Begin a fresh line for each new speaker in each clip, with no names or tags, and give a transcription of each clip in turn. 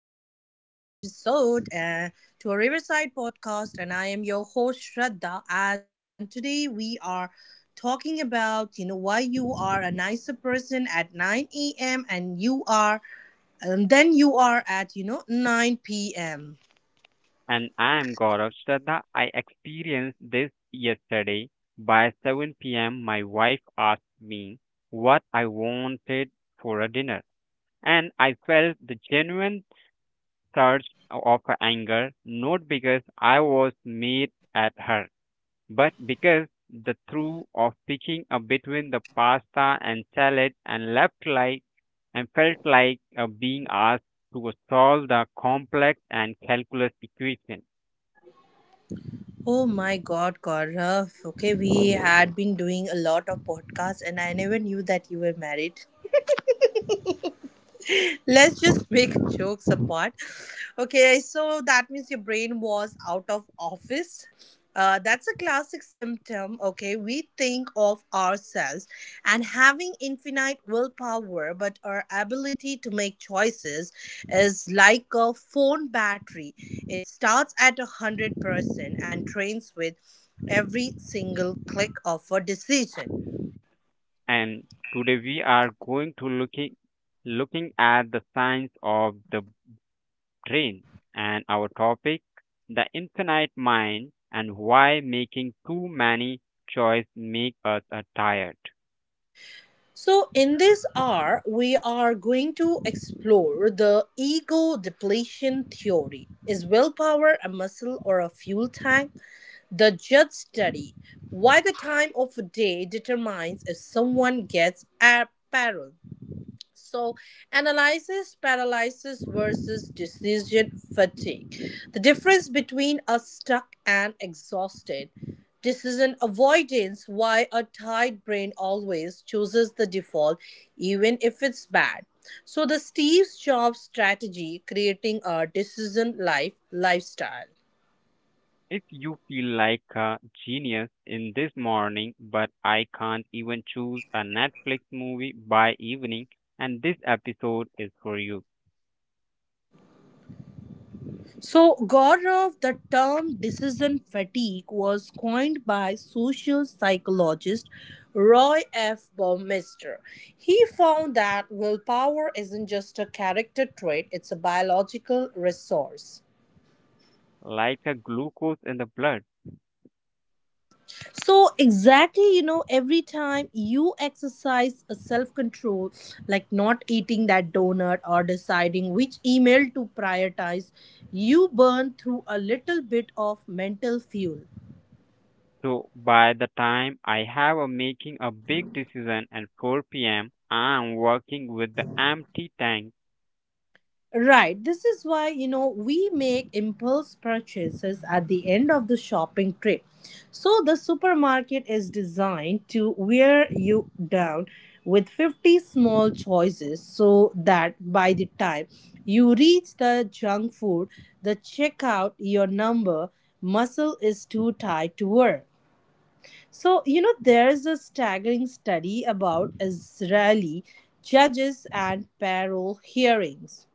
welcome back to another episode to a Riverside podcast. And I am your host Shraddha, and today we are talking about why you are a nicer person at 9 a.m. and then you are at 9 p.m.
And I'm Gaurav Shraddha. I experienced this yesterday. By 7 p.m., my wife asked me what I wanted for a dinner. And I felt the genuine surge of anger, not because I was mad at her, but because the thrill of picking up between the pasta and salad and left like and felt like being asked to solve the complex and calculus equation.
Oh my God, Gaurav. Okay, we had been doing a lot of podcasts, and I never knew that you were married. Let's just make jokes apart. Okay, so that means your brain was out of office. That's a classic symptom. Okay, we think of ourselves and having infinite willpower, but our ability to make choices is like a phone battery. It starts at 100% and drains with every single click of a decision.
And today we are going to looking at the science of the brain and our topic, the infinite mind, and why making too many choice make us tired.
So, in this hour, we are going to explore the ego depletion theory. Is willpower a muscle or a fuel tank? The judge study. Why the time of day determines if someone gets apparel. So, analysis paralysis versus decision fatigue. The difference between a stuck and exhausted decision avoidance, why a tired brain always chooses the default, even if it's bad. So, the Steve Jobs strategy creating a decision lifestyle.
If you feel like a genius in this morning but I can't even choose a Netflix movie by evening, and this episode is for you.
So, Gaurav, the term decision fatigue was coined by social psychologist Roy F. Baumeister. He found that willpower isn't just a character trait, it's a biological resource.
Like a glucose in the blood.
So, exactly, every time you exercise a self control, like not eating that donut or deciding which email to prioritize, you burn through a little bit of mental fuel.
So by the time I have a making a big decision at 4 p.m., I am working with the empty tank.
Right. This is why, we make impulse purchases at the end of the shopping trip. So the supermarket is designed to wear you down with 50 small choices so that by the time you reach the junk food, the checkout, your number, muscle is too tight to work. So, there is a staggering study about Israeli judges and parole hearings.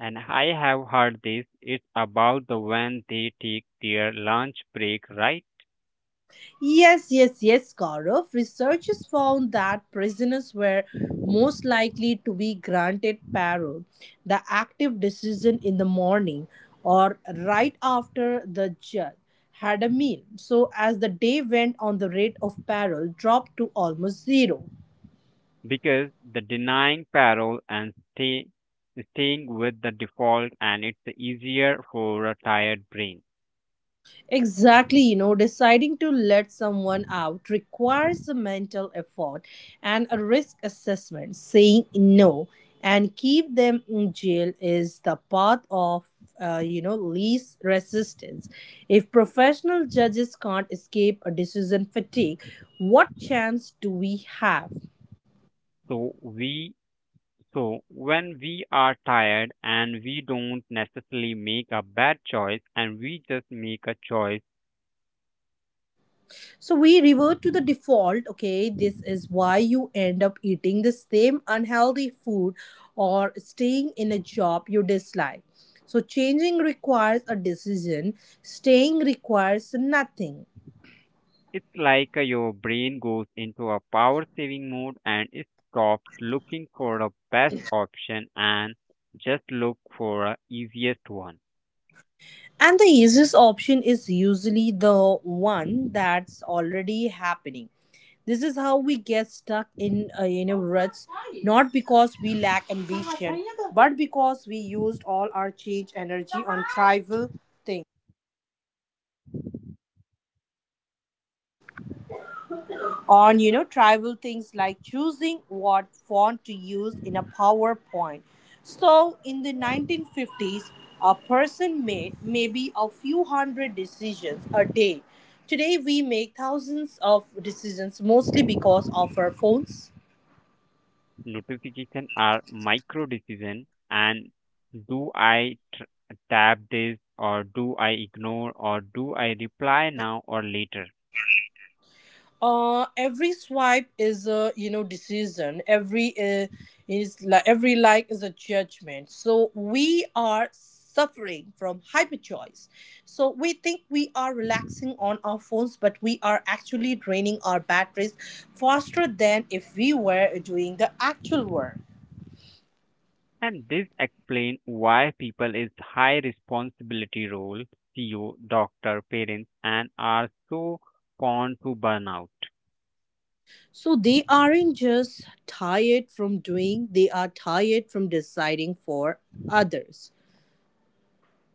And I have heard this, it's about the when they take their lunch break, right?
Yes, yes, yes, Gaurav. Researchers found that prisoners were most likely to be granted parole, the active decision in the morning or right after the judge had a meal. So, as the day went on, the rate of parole dropped to almost zero.
Because the denying parole and staying with the default and it's easier for a tired brain.
Exactly, deciding to let someone out requires a mental effort and a risk assessment. Saying no and keep them in jail is the path of, least resistance. If professional judges can't escape a decision fatigue, what chance do we have?
So we so when we are tired and we don't necessarily make a bad choice, and we just make a choice.
So we revert to the default. Okay, this is why you end up eating the same unhealthy food or staying in a job you dislike. So changing requires a decision, staying requires nothing.
It's like your brain goes into a power saving mode and it stops looking for the best option and just look for a easiest one.
And the easiest option is usually the one that's already happening. This is how we get stuck in ruts, not because we lack ambition, but because we used all our change energy on trivial things. On trivial things like choosing what font to use in a powerpoint. So in the 1950s a person made maybe a few hundred decisions a day. Today we make thousands of decisions, mostly because of our phones.
Notifications are micro decision, and do I tr- tap this, or do I ignore, or do I reply now or later?
Every swipe is a decision. Every like is a judgment, so we are suffering from hyperchoice. So we think we are relaxing on our phones, but we are actually draining our batteries faster than if we were doing the actual work.
And this explains why people is high responsibility role, CEO, doctor, parents, and are so prone to burnout.
So they aren't just tired from doing, they are tired from deciding for others.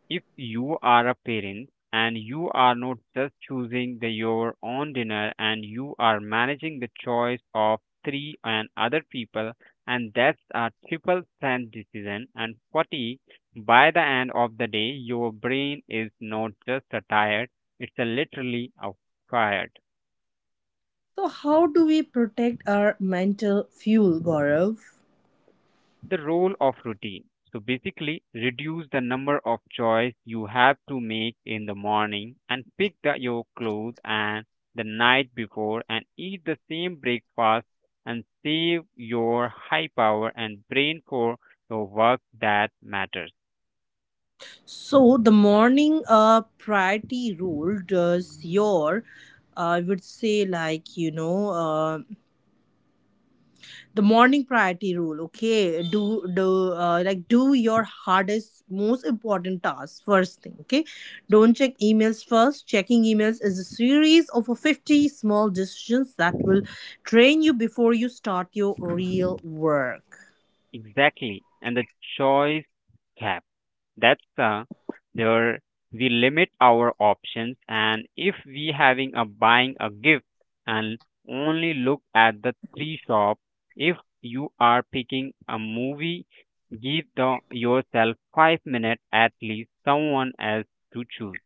If you are a parent and you are not just choosing the your own dinner and you are managing the choice of three and other people, and that's a triple strand decision and 40. By the end of the day your brain is not just a tired, it's a literally a fired.
So, how do we protect our mental fuel, Gaurav?
The role of routine. So basically, reduce the number of choice you have to make in the morning and pick the, your clothes and the night before, and eat the same breakfast, and save your high power and brain for your work that matters.
So, the morning priority rule does your, I would say, like, you know, the morning priority rule, okay? Do your hardest, most important tasks first thing, okay? Don't check emails first. Checking emails is a series of 50 small decisions that will train you before you start your real work.
Exactly. And the choice gap. That's There we limit our options, and if we having a buying a gift, and only look at the three shop. If you are picking a movie, give the yourself 5 minutes at least someone else to choose.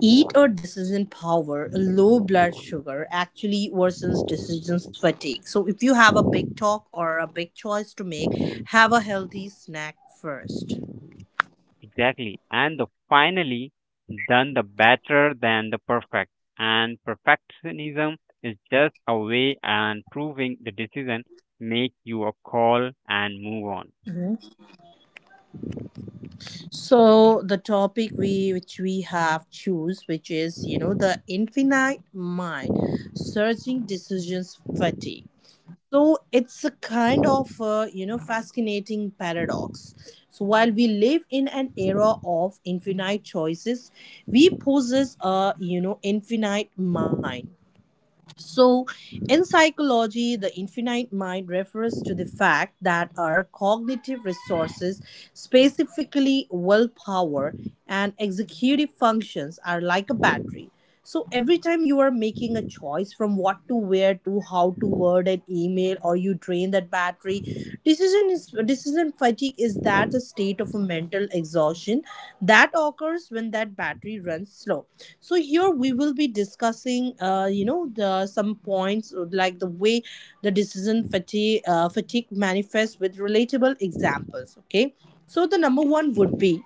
Eat or decision power, low blood sugar actually worsens decision fatigue. So if you have a big talk or a big choice to make, have a healthy snack first.
Exactly. And the finally done the better than the perfect, and perfectionism is just a way and proving the decision. Make your call and move on.
So the topic we which we have choose, which is the infinite mind, surging decisions fatigue. So it's a kind of fascinating paradox. So while we live in an era of infinite choices, we possess a infinite mind. So, in psychology, the infinite mind refers to the fact that our cognitive resources, specifically willpower and executive functions, are like a battery. So, every time you are making a choice from what to wear to how to word an email, or you drain that battery, sorry, decision is decision fatigue is that the state of a mental exhaustion that occurs when that battery runs slow. So here we will be discussing the some points like the way the decision fatigue manifests with relatable examples, okay. So the number one would be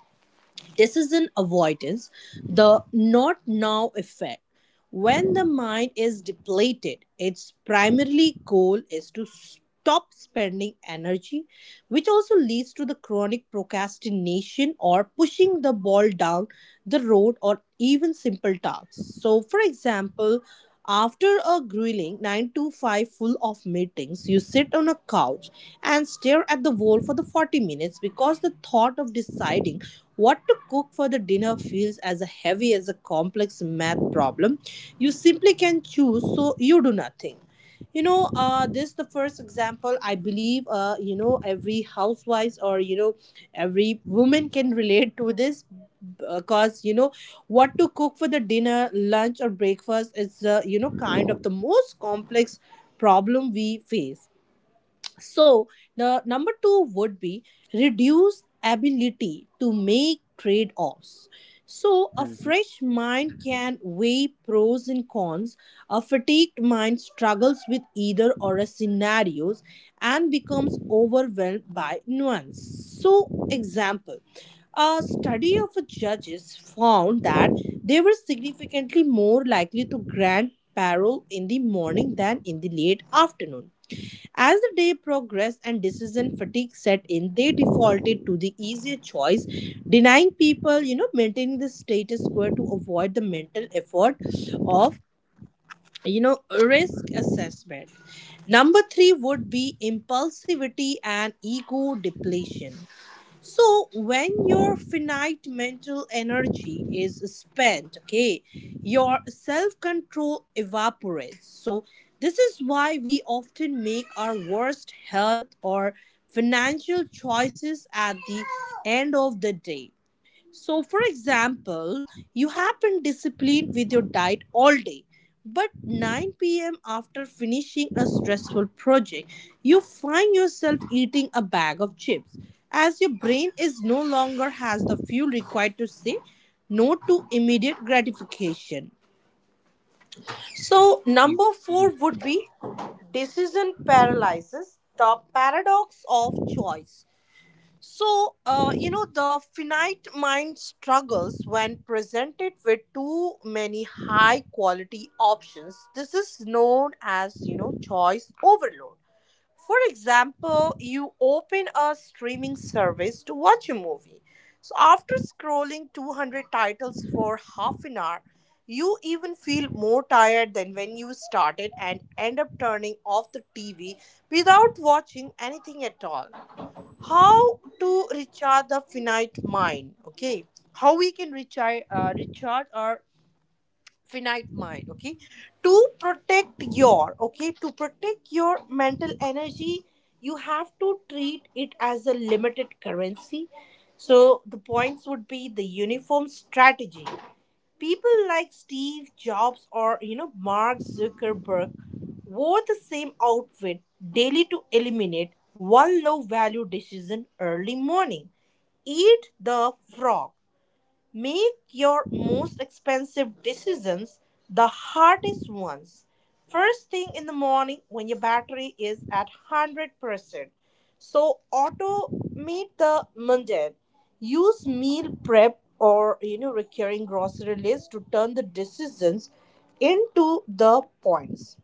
decision avoidance, the not now effect. When the mind is depleted, its primary goal is to stop spending energy, which also leads to the chronic procrastination or pushing the ball down the road or even simple tasks. So, for example, after a grueling 9 to 5 full of meetings, you sit on a couch and stare at the wall for the 40 minutes because the thought of deciding what to cook for the dinner feels as heavy as a complex math problem. You simply can choose, so you do nothing. This the first example. I believe, every housewife or every woman can relate to this because what to cook for the dinner, lunch, or breakfast is kind of the most complex problem we face. So, the number two would be reduce ability to make trade offs. So, a
Mhm.
fresh mind can weigh pros and cons. A fatigued mind struggles with either or a scenarios and becomes overwhelmed by nuance. So, example, a study of a judges found that they were significantly more likely to grant parole in the morning than in the late afternoon. As the day progressed and decision fatigue set in, they defaulted to the easier choice, denying people, maintaining the status quo to avoid the mental effort of, risk assessment. Number three would be impulsivity and ego depletion. So, when your finite mental energy is spent, okay, your self control evaporates. So, this is why we often make our worst health or financial choices at the end of the day. So, for example, you have been disciplined with your diet all day, but 9 p.m. after finishing a stressful project, you find yourself eating a bag of chips as your brain is no longer has the fuel required to say no to immediate gratification. So,
Y-
number
yes.
4 would be decision paralysis, the paradox of choice. So, the finite mind struggles when presented with too many high quality options. This is known as, choice overload. For example, you open a streaming service to watch a movie. So, after scrolling 200 titles for half an hour, you even feel more tired than when you started and end up turning off the TV without watching anything at all. How to recharge the finite mind, okay? How we can recharge our finite mind, okay? To protect your mental energy, you have to treat it as a limited currency. So the points would be the uniform strategy. People like Steve Jobs or Mark Zuckerberg wore the same outfit daily to eliminate one low value decision early morning. Eat the frog. Make your most expensive decisions, the hardest ones, first thing in the morning when your battery is at 100%. So, automate the mundane. Use meal prep or recurring grocery list to turn the decisions into the points,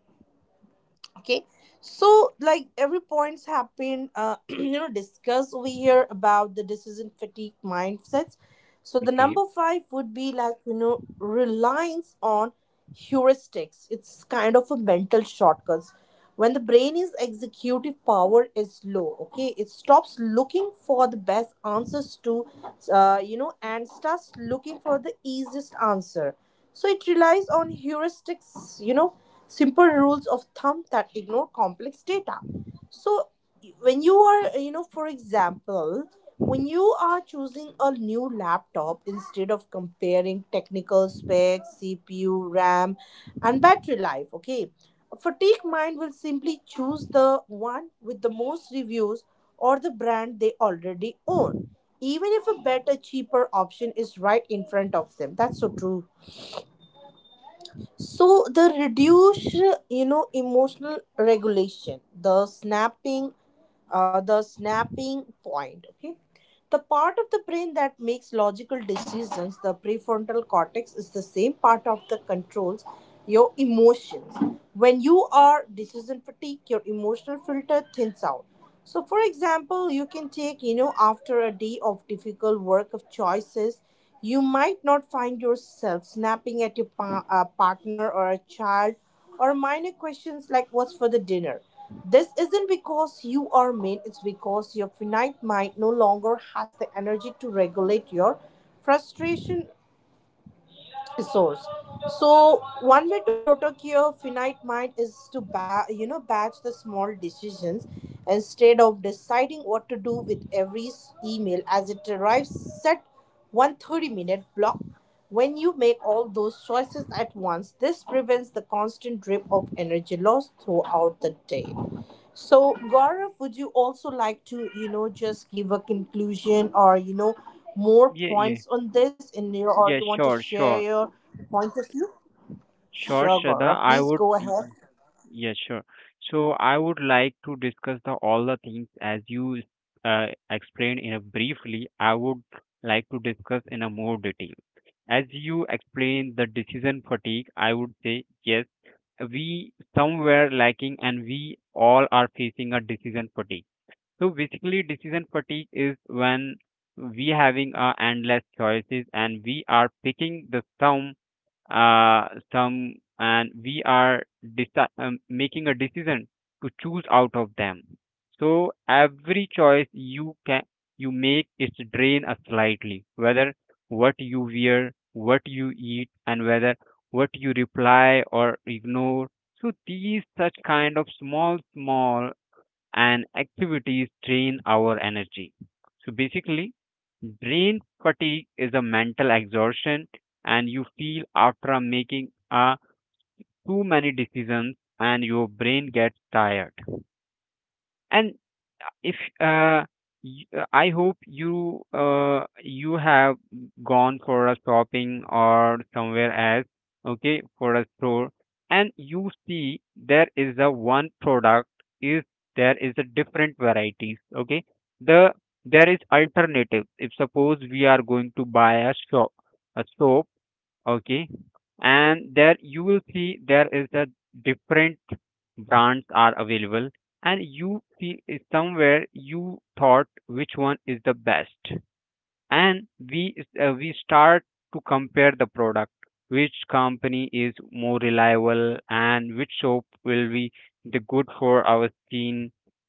okay. So like every points have been discussed over here about the decision fatigue mindsets. So the
Okay.
number five would be reliance on heuristics. It's kind of a mental shortcuts. When the brain is executive power is low, okay, it stops looking for the best answers to and starts looking for the easiest answer. So it relies on heuristics, simple rules of thumb that ignore complex data. So when you are, for example, when you are choosing a new laptop instead of comparing technical specs, cpu, ram, and battery life, okay, a fatigue mind will simply choose the one with the most reviews or the brand they already own, even if a better cheaper option is right in front of them. That's so true. So the reduced, emotional regulation, the snapping point. Okay, the part of the brain that makes logical decisions, the prefrontal cortex, is the same part of the controls your emotions. When you are decision fatigue, your emotional filter thins out. So, for example, you can take, after a day of difficult work of choices, you might not find yourself snapping at your partner or a child or minor questions like what's for the dinner. This isn't because you are mean, it's because your finite mind no longer has the energy to regulate your frustration resource. So one way to protect your finite mind is to batch the small decisions instead of deciding what to do with every email as it arrives. Set one 30-minute block when you make all those choices at once. This prevents the constant drip of energy loss throughout the day. So, Gaurav, would you also like to, just give a conclusion or, more
Yeah, yeah.
points on this in your, or you
Yeah,
want to
sure,
share
sure.
your point of view?
Sure,
Sure,
Shraddha.
Gaurav,
I
please
would
go ahead.
sure. So I would like to discuss the all the things as you explained in a briefly. I would like to discuss in a more detail. As you explained the decision fatigue, I would say yes, we somewhere lacking and we all are facing a decision fatigue. So basically, decision fatigue is when we having endless choices, and we are picking the some some, and we are making a decision to choose out of them. So every choice you can you make its drain us slightly, whether what you wear, what you eat, and whether what you reply or ignore. So these such kind of small small and activities drain our energy. So basically, brain fatigue is a mental exhaustion, and you feel after making too many decisions and your brain gets tired. And if I hope you you have gone for a shopping or somewhere else, okay, for a store, and you see there is a one product is there is a different varieties, okay. The there is alternative. If suppose we are going to buy a soap, okay, and there you will see there is a different brands are available, and you feel somewhere you thought which one is the best. And we we start to compare the product, which company is more reliable and which soap will be the good for our skin.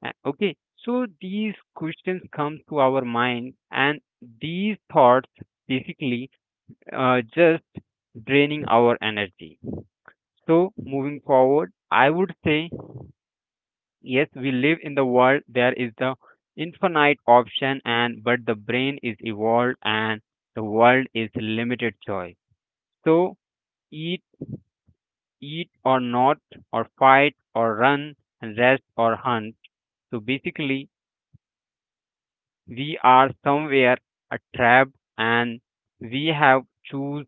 Okay, so these questions come to our mind, and these thoughts basically just draining our energy. So, moving forward, I would say yes, we live in the world there is the infinite option, and but the brain is evolved and the world is limited choice. So, eat, eat or not, or fight or run, and rest or hunt. So, basically, we are somewhere a trap, and we have choose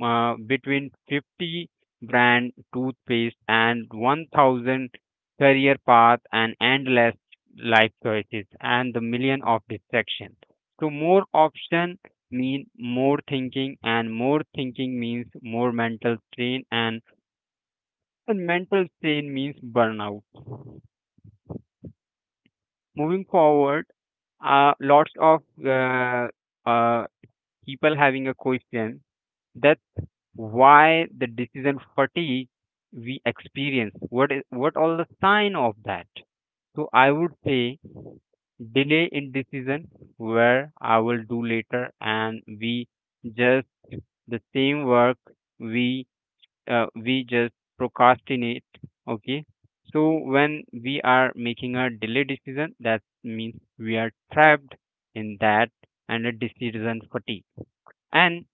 between 50 brand toothpaste and 1,000 career path and endless life choices and the million of distractions. So more option mean more thinking, and more thinking means more mental strain, and, mental strain means burnout. Moving forward, lots of uh, people having a question, that's why the decision fatigue we experience, what is what all the sign of that. So I would say delay in decision, where I will do later, and we just the same work we we just procrastinate. Okay, so when we are making a delay decision, that means we are trapped in that and a decision fatigue. And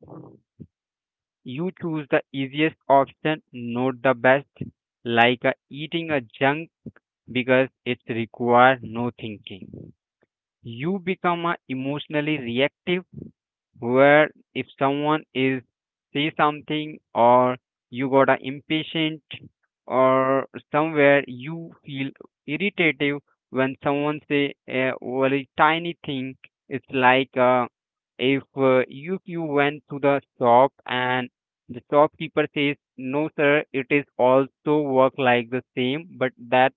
you choose the easiest option, not the best, like eating a junk because it requires no thinking. You become emotionally reactive, where if someone is say something, or you got a impatient, or somewhere you feel irritative when someone say a very tiny thing. It's like if you went to the shop and the shopkeeper says no sir, it is also work like the same, but that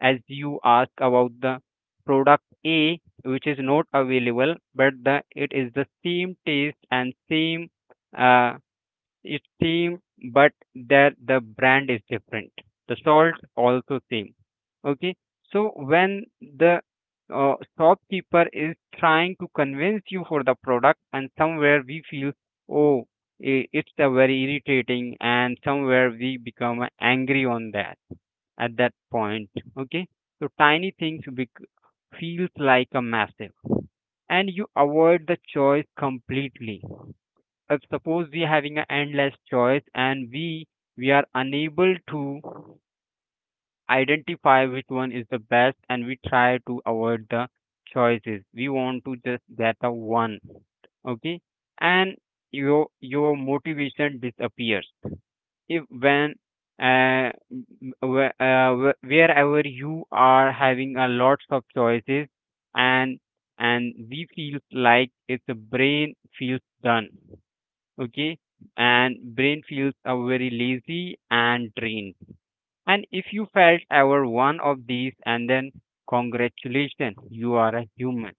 as you ask about the product A, which is not available, but the it is the same taste and same uh, it's same, but that the brand is different. The salt also same. Okay, so when the shopkeeper is trying to convince you for the product, and somewhere we feel, oh, it's a very irritating, and somewhere we become angry on that at that point. Okay, so feels like a massive, and you avoid the choice completely. Suppose we are having an endless choice, and we are unable to identify which one is the best, and we try to avoid the choices, we want to just get the one. Okay, and your your motivation disappears. If when m- whe- Wherever you are having a lots of choices, and and we feels like it's a brain feels done. Okay, and brain feels a very lazy and drained. And if you felt ever one of these, and then congratulations, you are a human.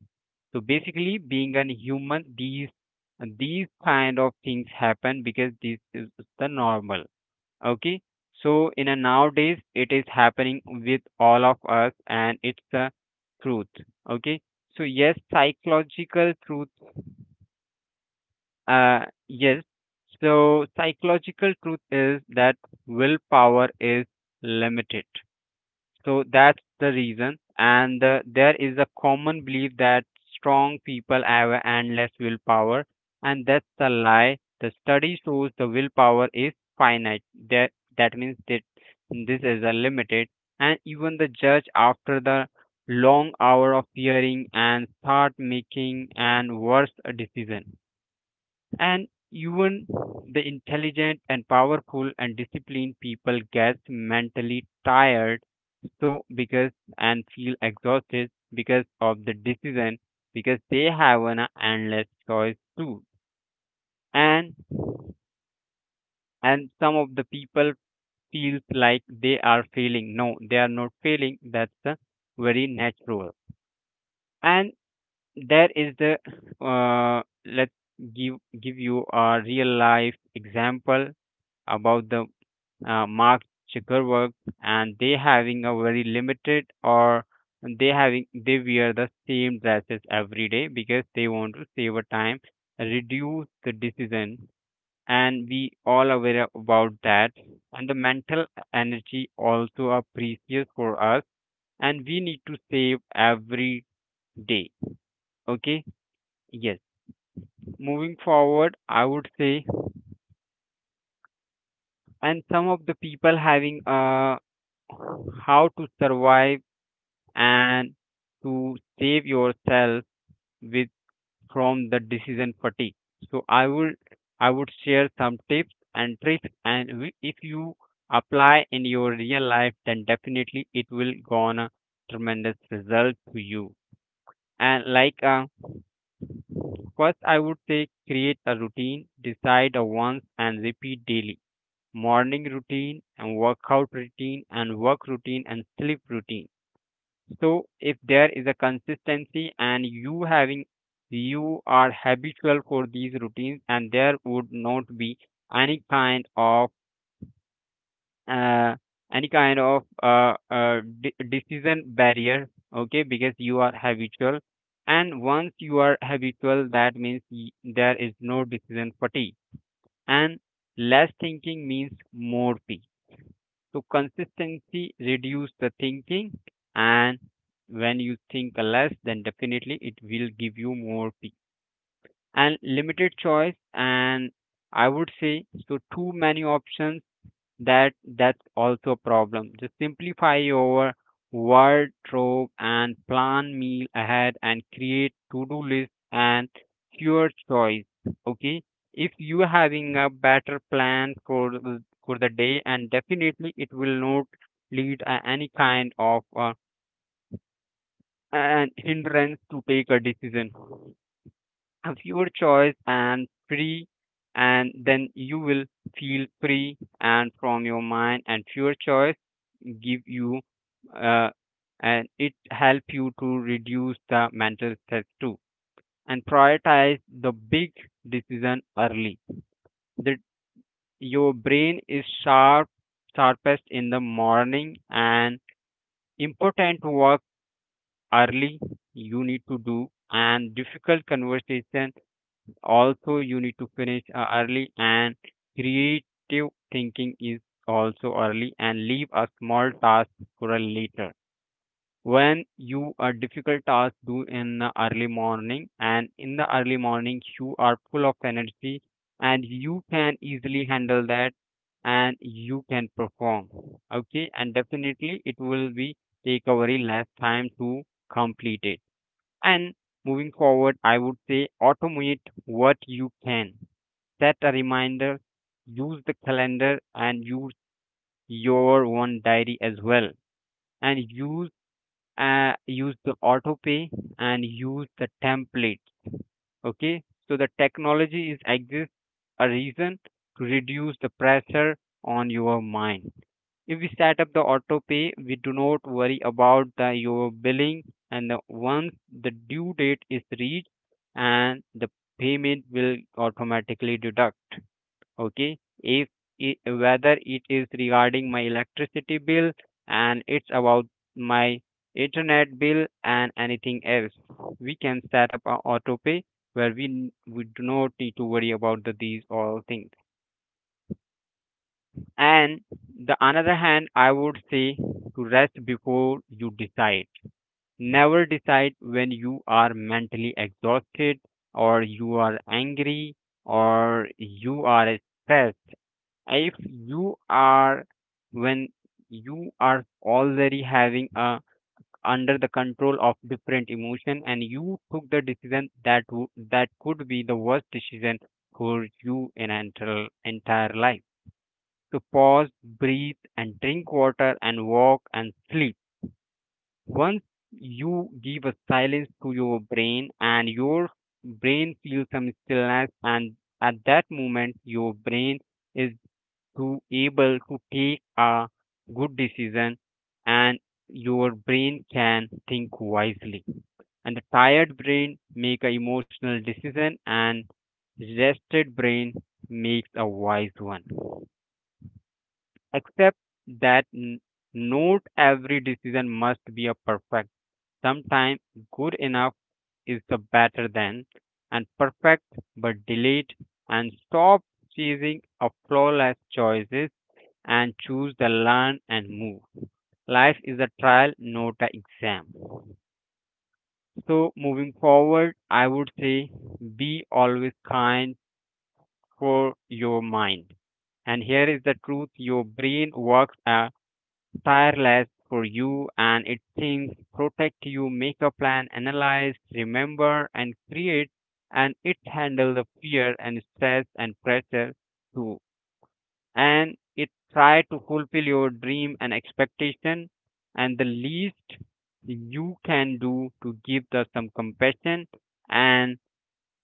So basically being a human, these kind of things happen because this is the normal. Okay, so in a nowadays it is happening with all of us, and it's the truth. Okay, so yes, psychological truth. uh yes, so psychological truth is that willpower is limited. So that's the reason. And there is a common belief that strong people have endless willpower, and that's a lie. The study shows the willpower is finite. That that means that this is a limited. And even the judge, after the long hour of hearing, and start making and worse a decision. And even the intelligent and powerful and disciplined people gets mentally tired. So because and feel exhausted because of the decision, because they have an endless choice too. and and some of the people feels like they are failing, no they are not failing, that's the very natural. And there is the let's give give you a real life example about the Mark Zuckerberg, and they having a very limited, or they having they wear the same dresses every day because they want to save a time, reduce the decision, and we all aware about that. And the mental energy also are precious for us, and we need to save every day. Okay, yes. Moving forward, I would say, and some of the people having how to survive and to save yourself with from the decision fatigue. So I would share some tips and tricks, and if you apply in your real life, then definitely it will gonna tremendous result to you. And like first, I would say create a routine, decide a once and repeat daily. Morning routine and workout routine and work routine and sleep routine. So if there is a consistency and you having you are habitual for these routines, and there would not be any kind of uh, any kind of decision barrier, okay, because you are habitual. And once you are habitual, that means there is no decision fatigue. And less thinking means more peace. So consistency reduce the thinking, and when you think less, then definitely it will give you more peace. And limited choice, and I would say so too many options, that's also a problem. Just simplify your wardrobe and plan meal ahead and create to-do list and your choice, okay? If you are having a better plan for for the day, and definitely it will not lead any kind of an hindrance to take a decision of your choice and free. And then you will feel free and from your mind, and your choice give you uh, and it help you to reduce the mental stress too. And prioritize the big decision early, that your brain is sharp, sharpest in the morning, and important work early you need to do, and difficult conversation also you need to finish early, and creative thinking is also early, and leave a small task for a later. When you a difficult task do in the early morning, and in the early morning you are full of energy, and you can easily handle that, and you can perform, okay? And definitely it will be take a very less time to complete it. And moving forward, I would say automate what you can. Set a reminder, use the calendar, and use your own diary as well. And use use the auto pay and use the template. Okay, so the technology is exists a reason to reduce the pressure on your mind. If we set up the auto pay, we do not worry about the your billing, and the, once the due date is reached, and the payment will automatically deduct. Okay. If it, whether it is regarding my electricity bill, and it's about my internet bill and anything else, we can set up an auto pay where we do not need to worry about the, these all things. And the another hand, I would say to rest before you decide. Never decide when you are mentally exhausted, or you are angry, or you are stressed. If you are when you are already having a under the control of different emotion, and you took the decision, that would that could be the worst decision for you in entire life. To pause, breathe, and drink water and walk and sleep. Once you give a silence to your brain, and your brain feels some stillness, and at that moment your brain is to able to take a good decision, and your brain can think wisely. And the tired brain make a emotional decision, and rested brain makes a wise one. Except that not every decision must be a perfect. Sometimes good enough is the better than and perfect, but delete and stop chasing a flawless choices, and choose the learn and move. Life is a trial, not an exam. So moving forward, I would say be always kind for your mind. And here is the truth, your brain works at tireless for you, and it thinks protect you, make a plan, analyze, remember, and create, and it handle the fear and stress and pressure too. And it try to fulfill your dream and expectation, and the least you can do to give the some compassion. And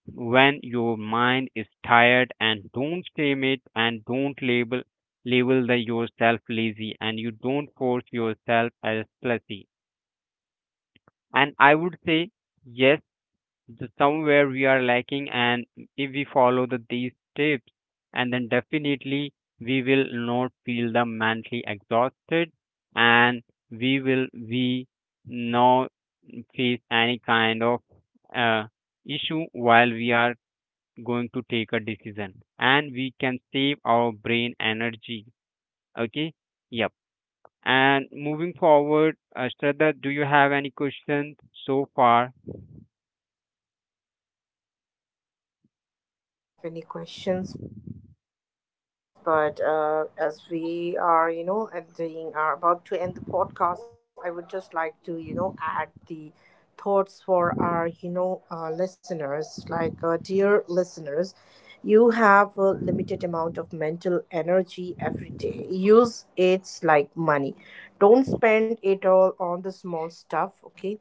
when your mind is tired, and don't claim it, and don't label the yourself lazy, and you don't force yourself as lazy. And I would say yes, the somewhere we are lacking, and if we follow these tips, and then definitely we will not feel the mentally exhausted. And we will we not face any kind of uh, issue while we are going to take a decision, and we can save our brain energy, okay, yep. And moving forward, Shraddha, do you have any questions so far?
No, Gaurav, I do not have any questions, but as we are, ending, are about to end the podcast, I would just like to, add the thoughts for our, listeners. Like, dear listeners, you have a limited amount of mental energy every day. Use it like money. Don't spend it all on the small stuff, okay?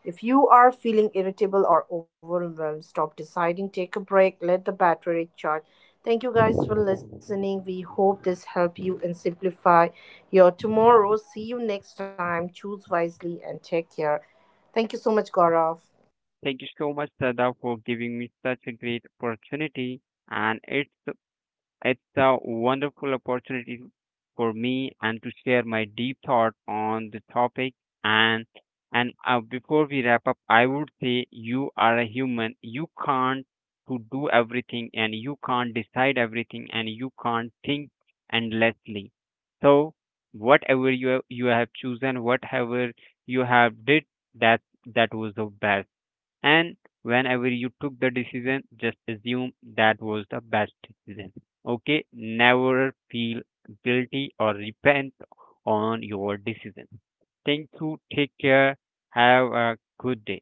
If you are feeling irritable or overwhelmed, stop deciding, take a break, let the battery charge. Thank you guys for listening. We hope this helped you and simplify your tomorrow. See you next time. Choose wisely and take care. Thank you so much, Gaurav.
Thank you so much, Shraddha, for giving me such a great opportunity, and it's a wonderful opportunity for me and to share my deep thought on the topic. And before we wrap up, I would say you are a human, you can't to do everything, and you can't decide everything, and you can't think endlessly. So whatever you have chosen, whatever you have did, that that was the best. And whenever you took the decision, just assume that was the best decision. Okay, never feel guilty or repent on your decision. Thank you, take care, have a good day.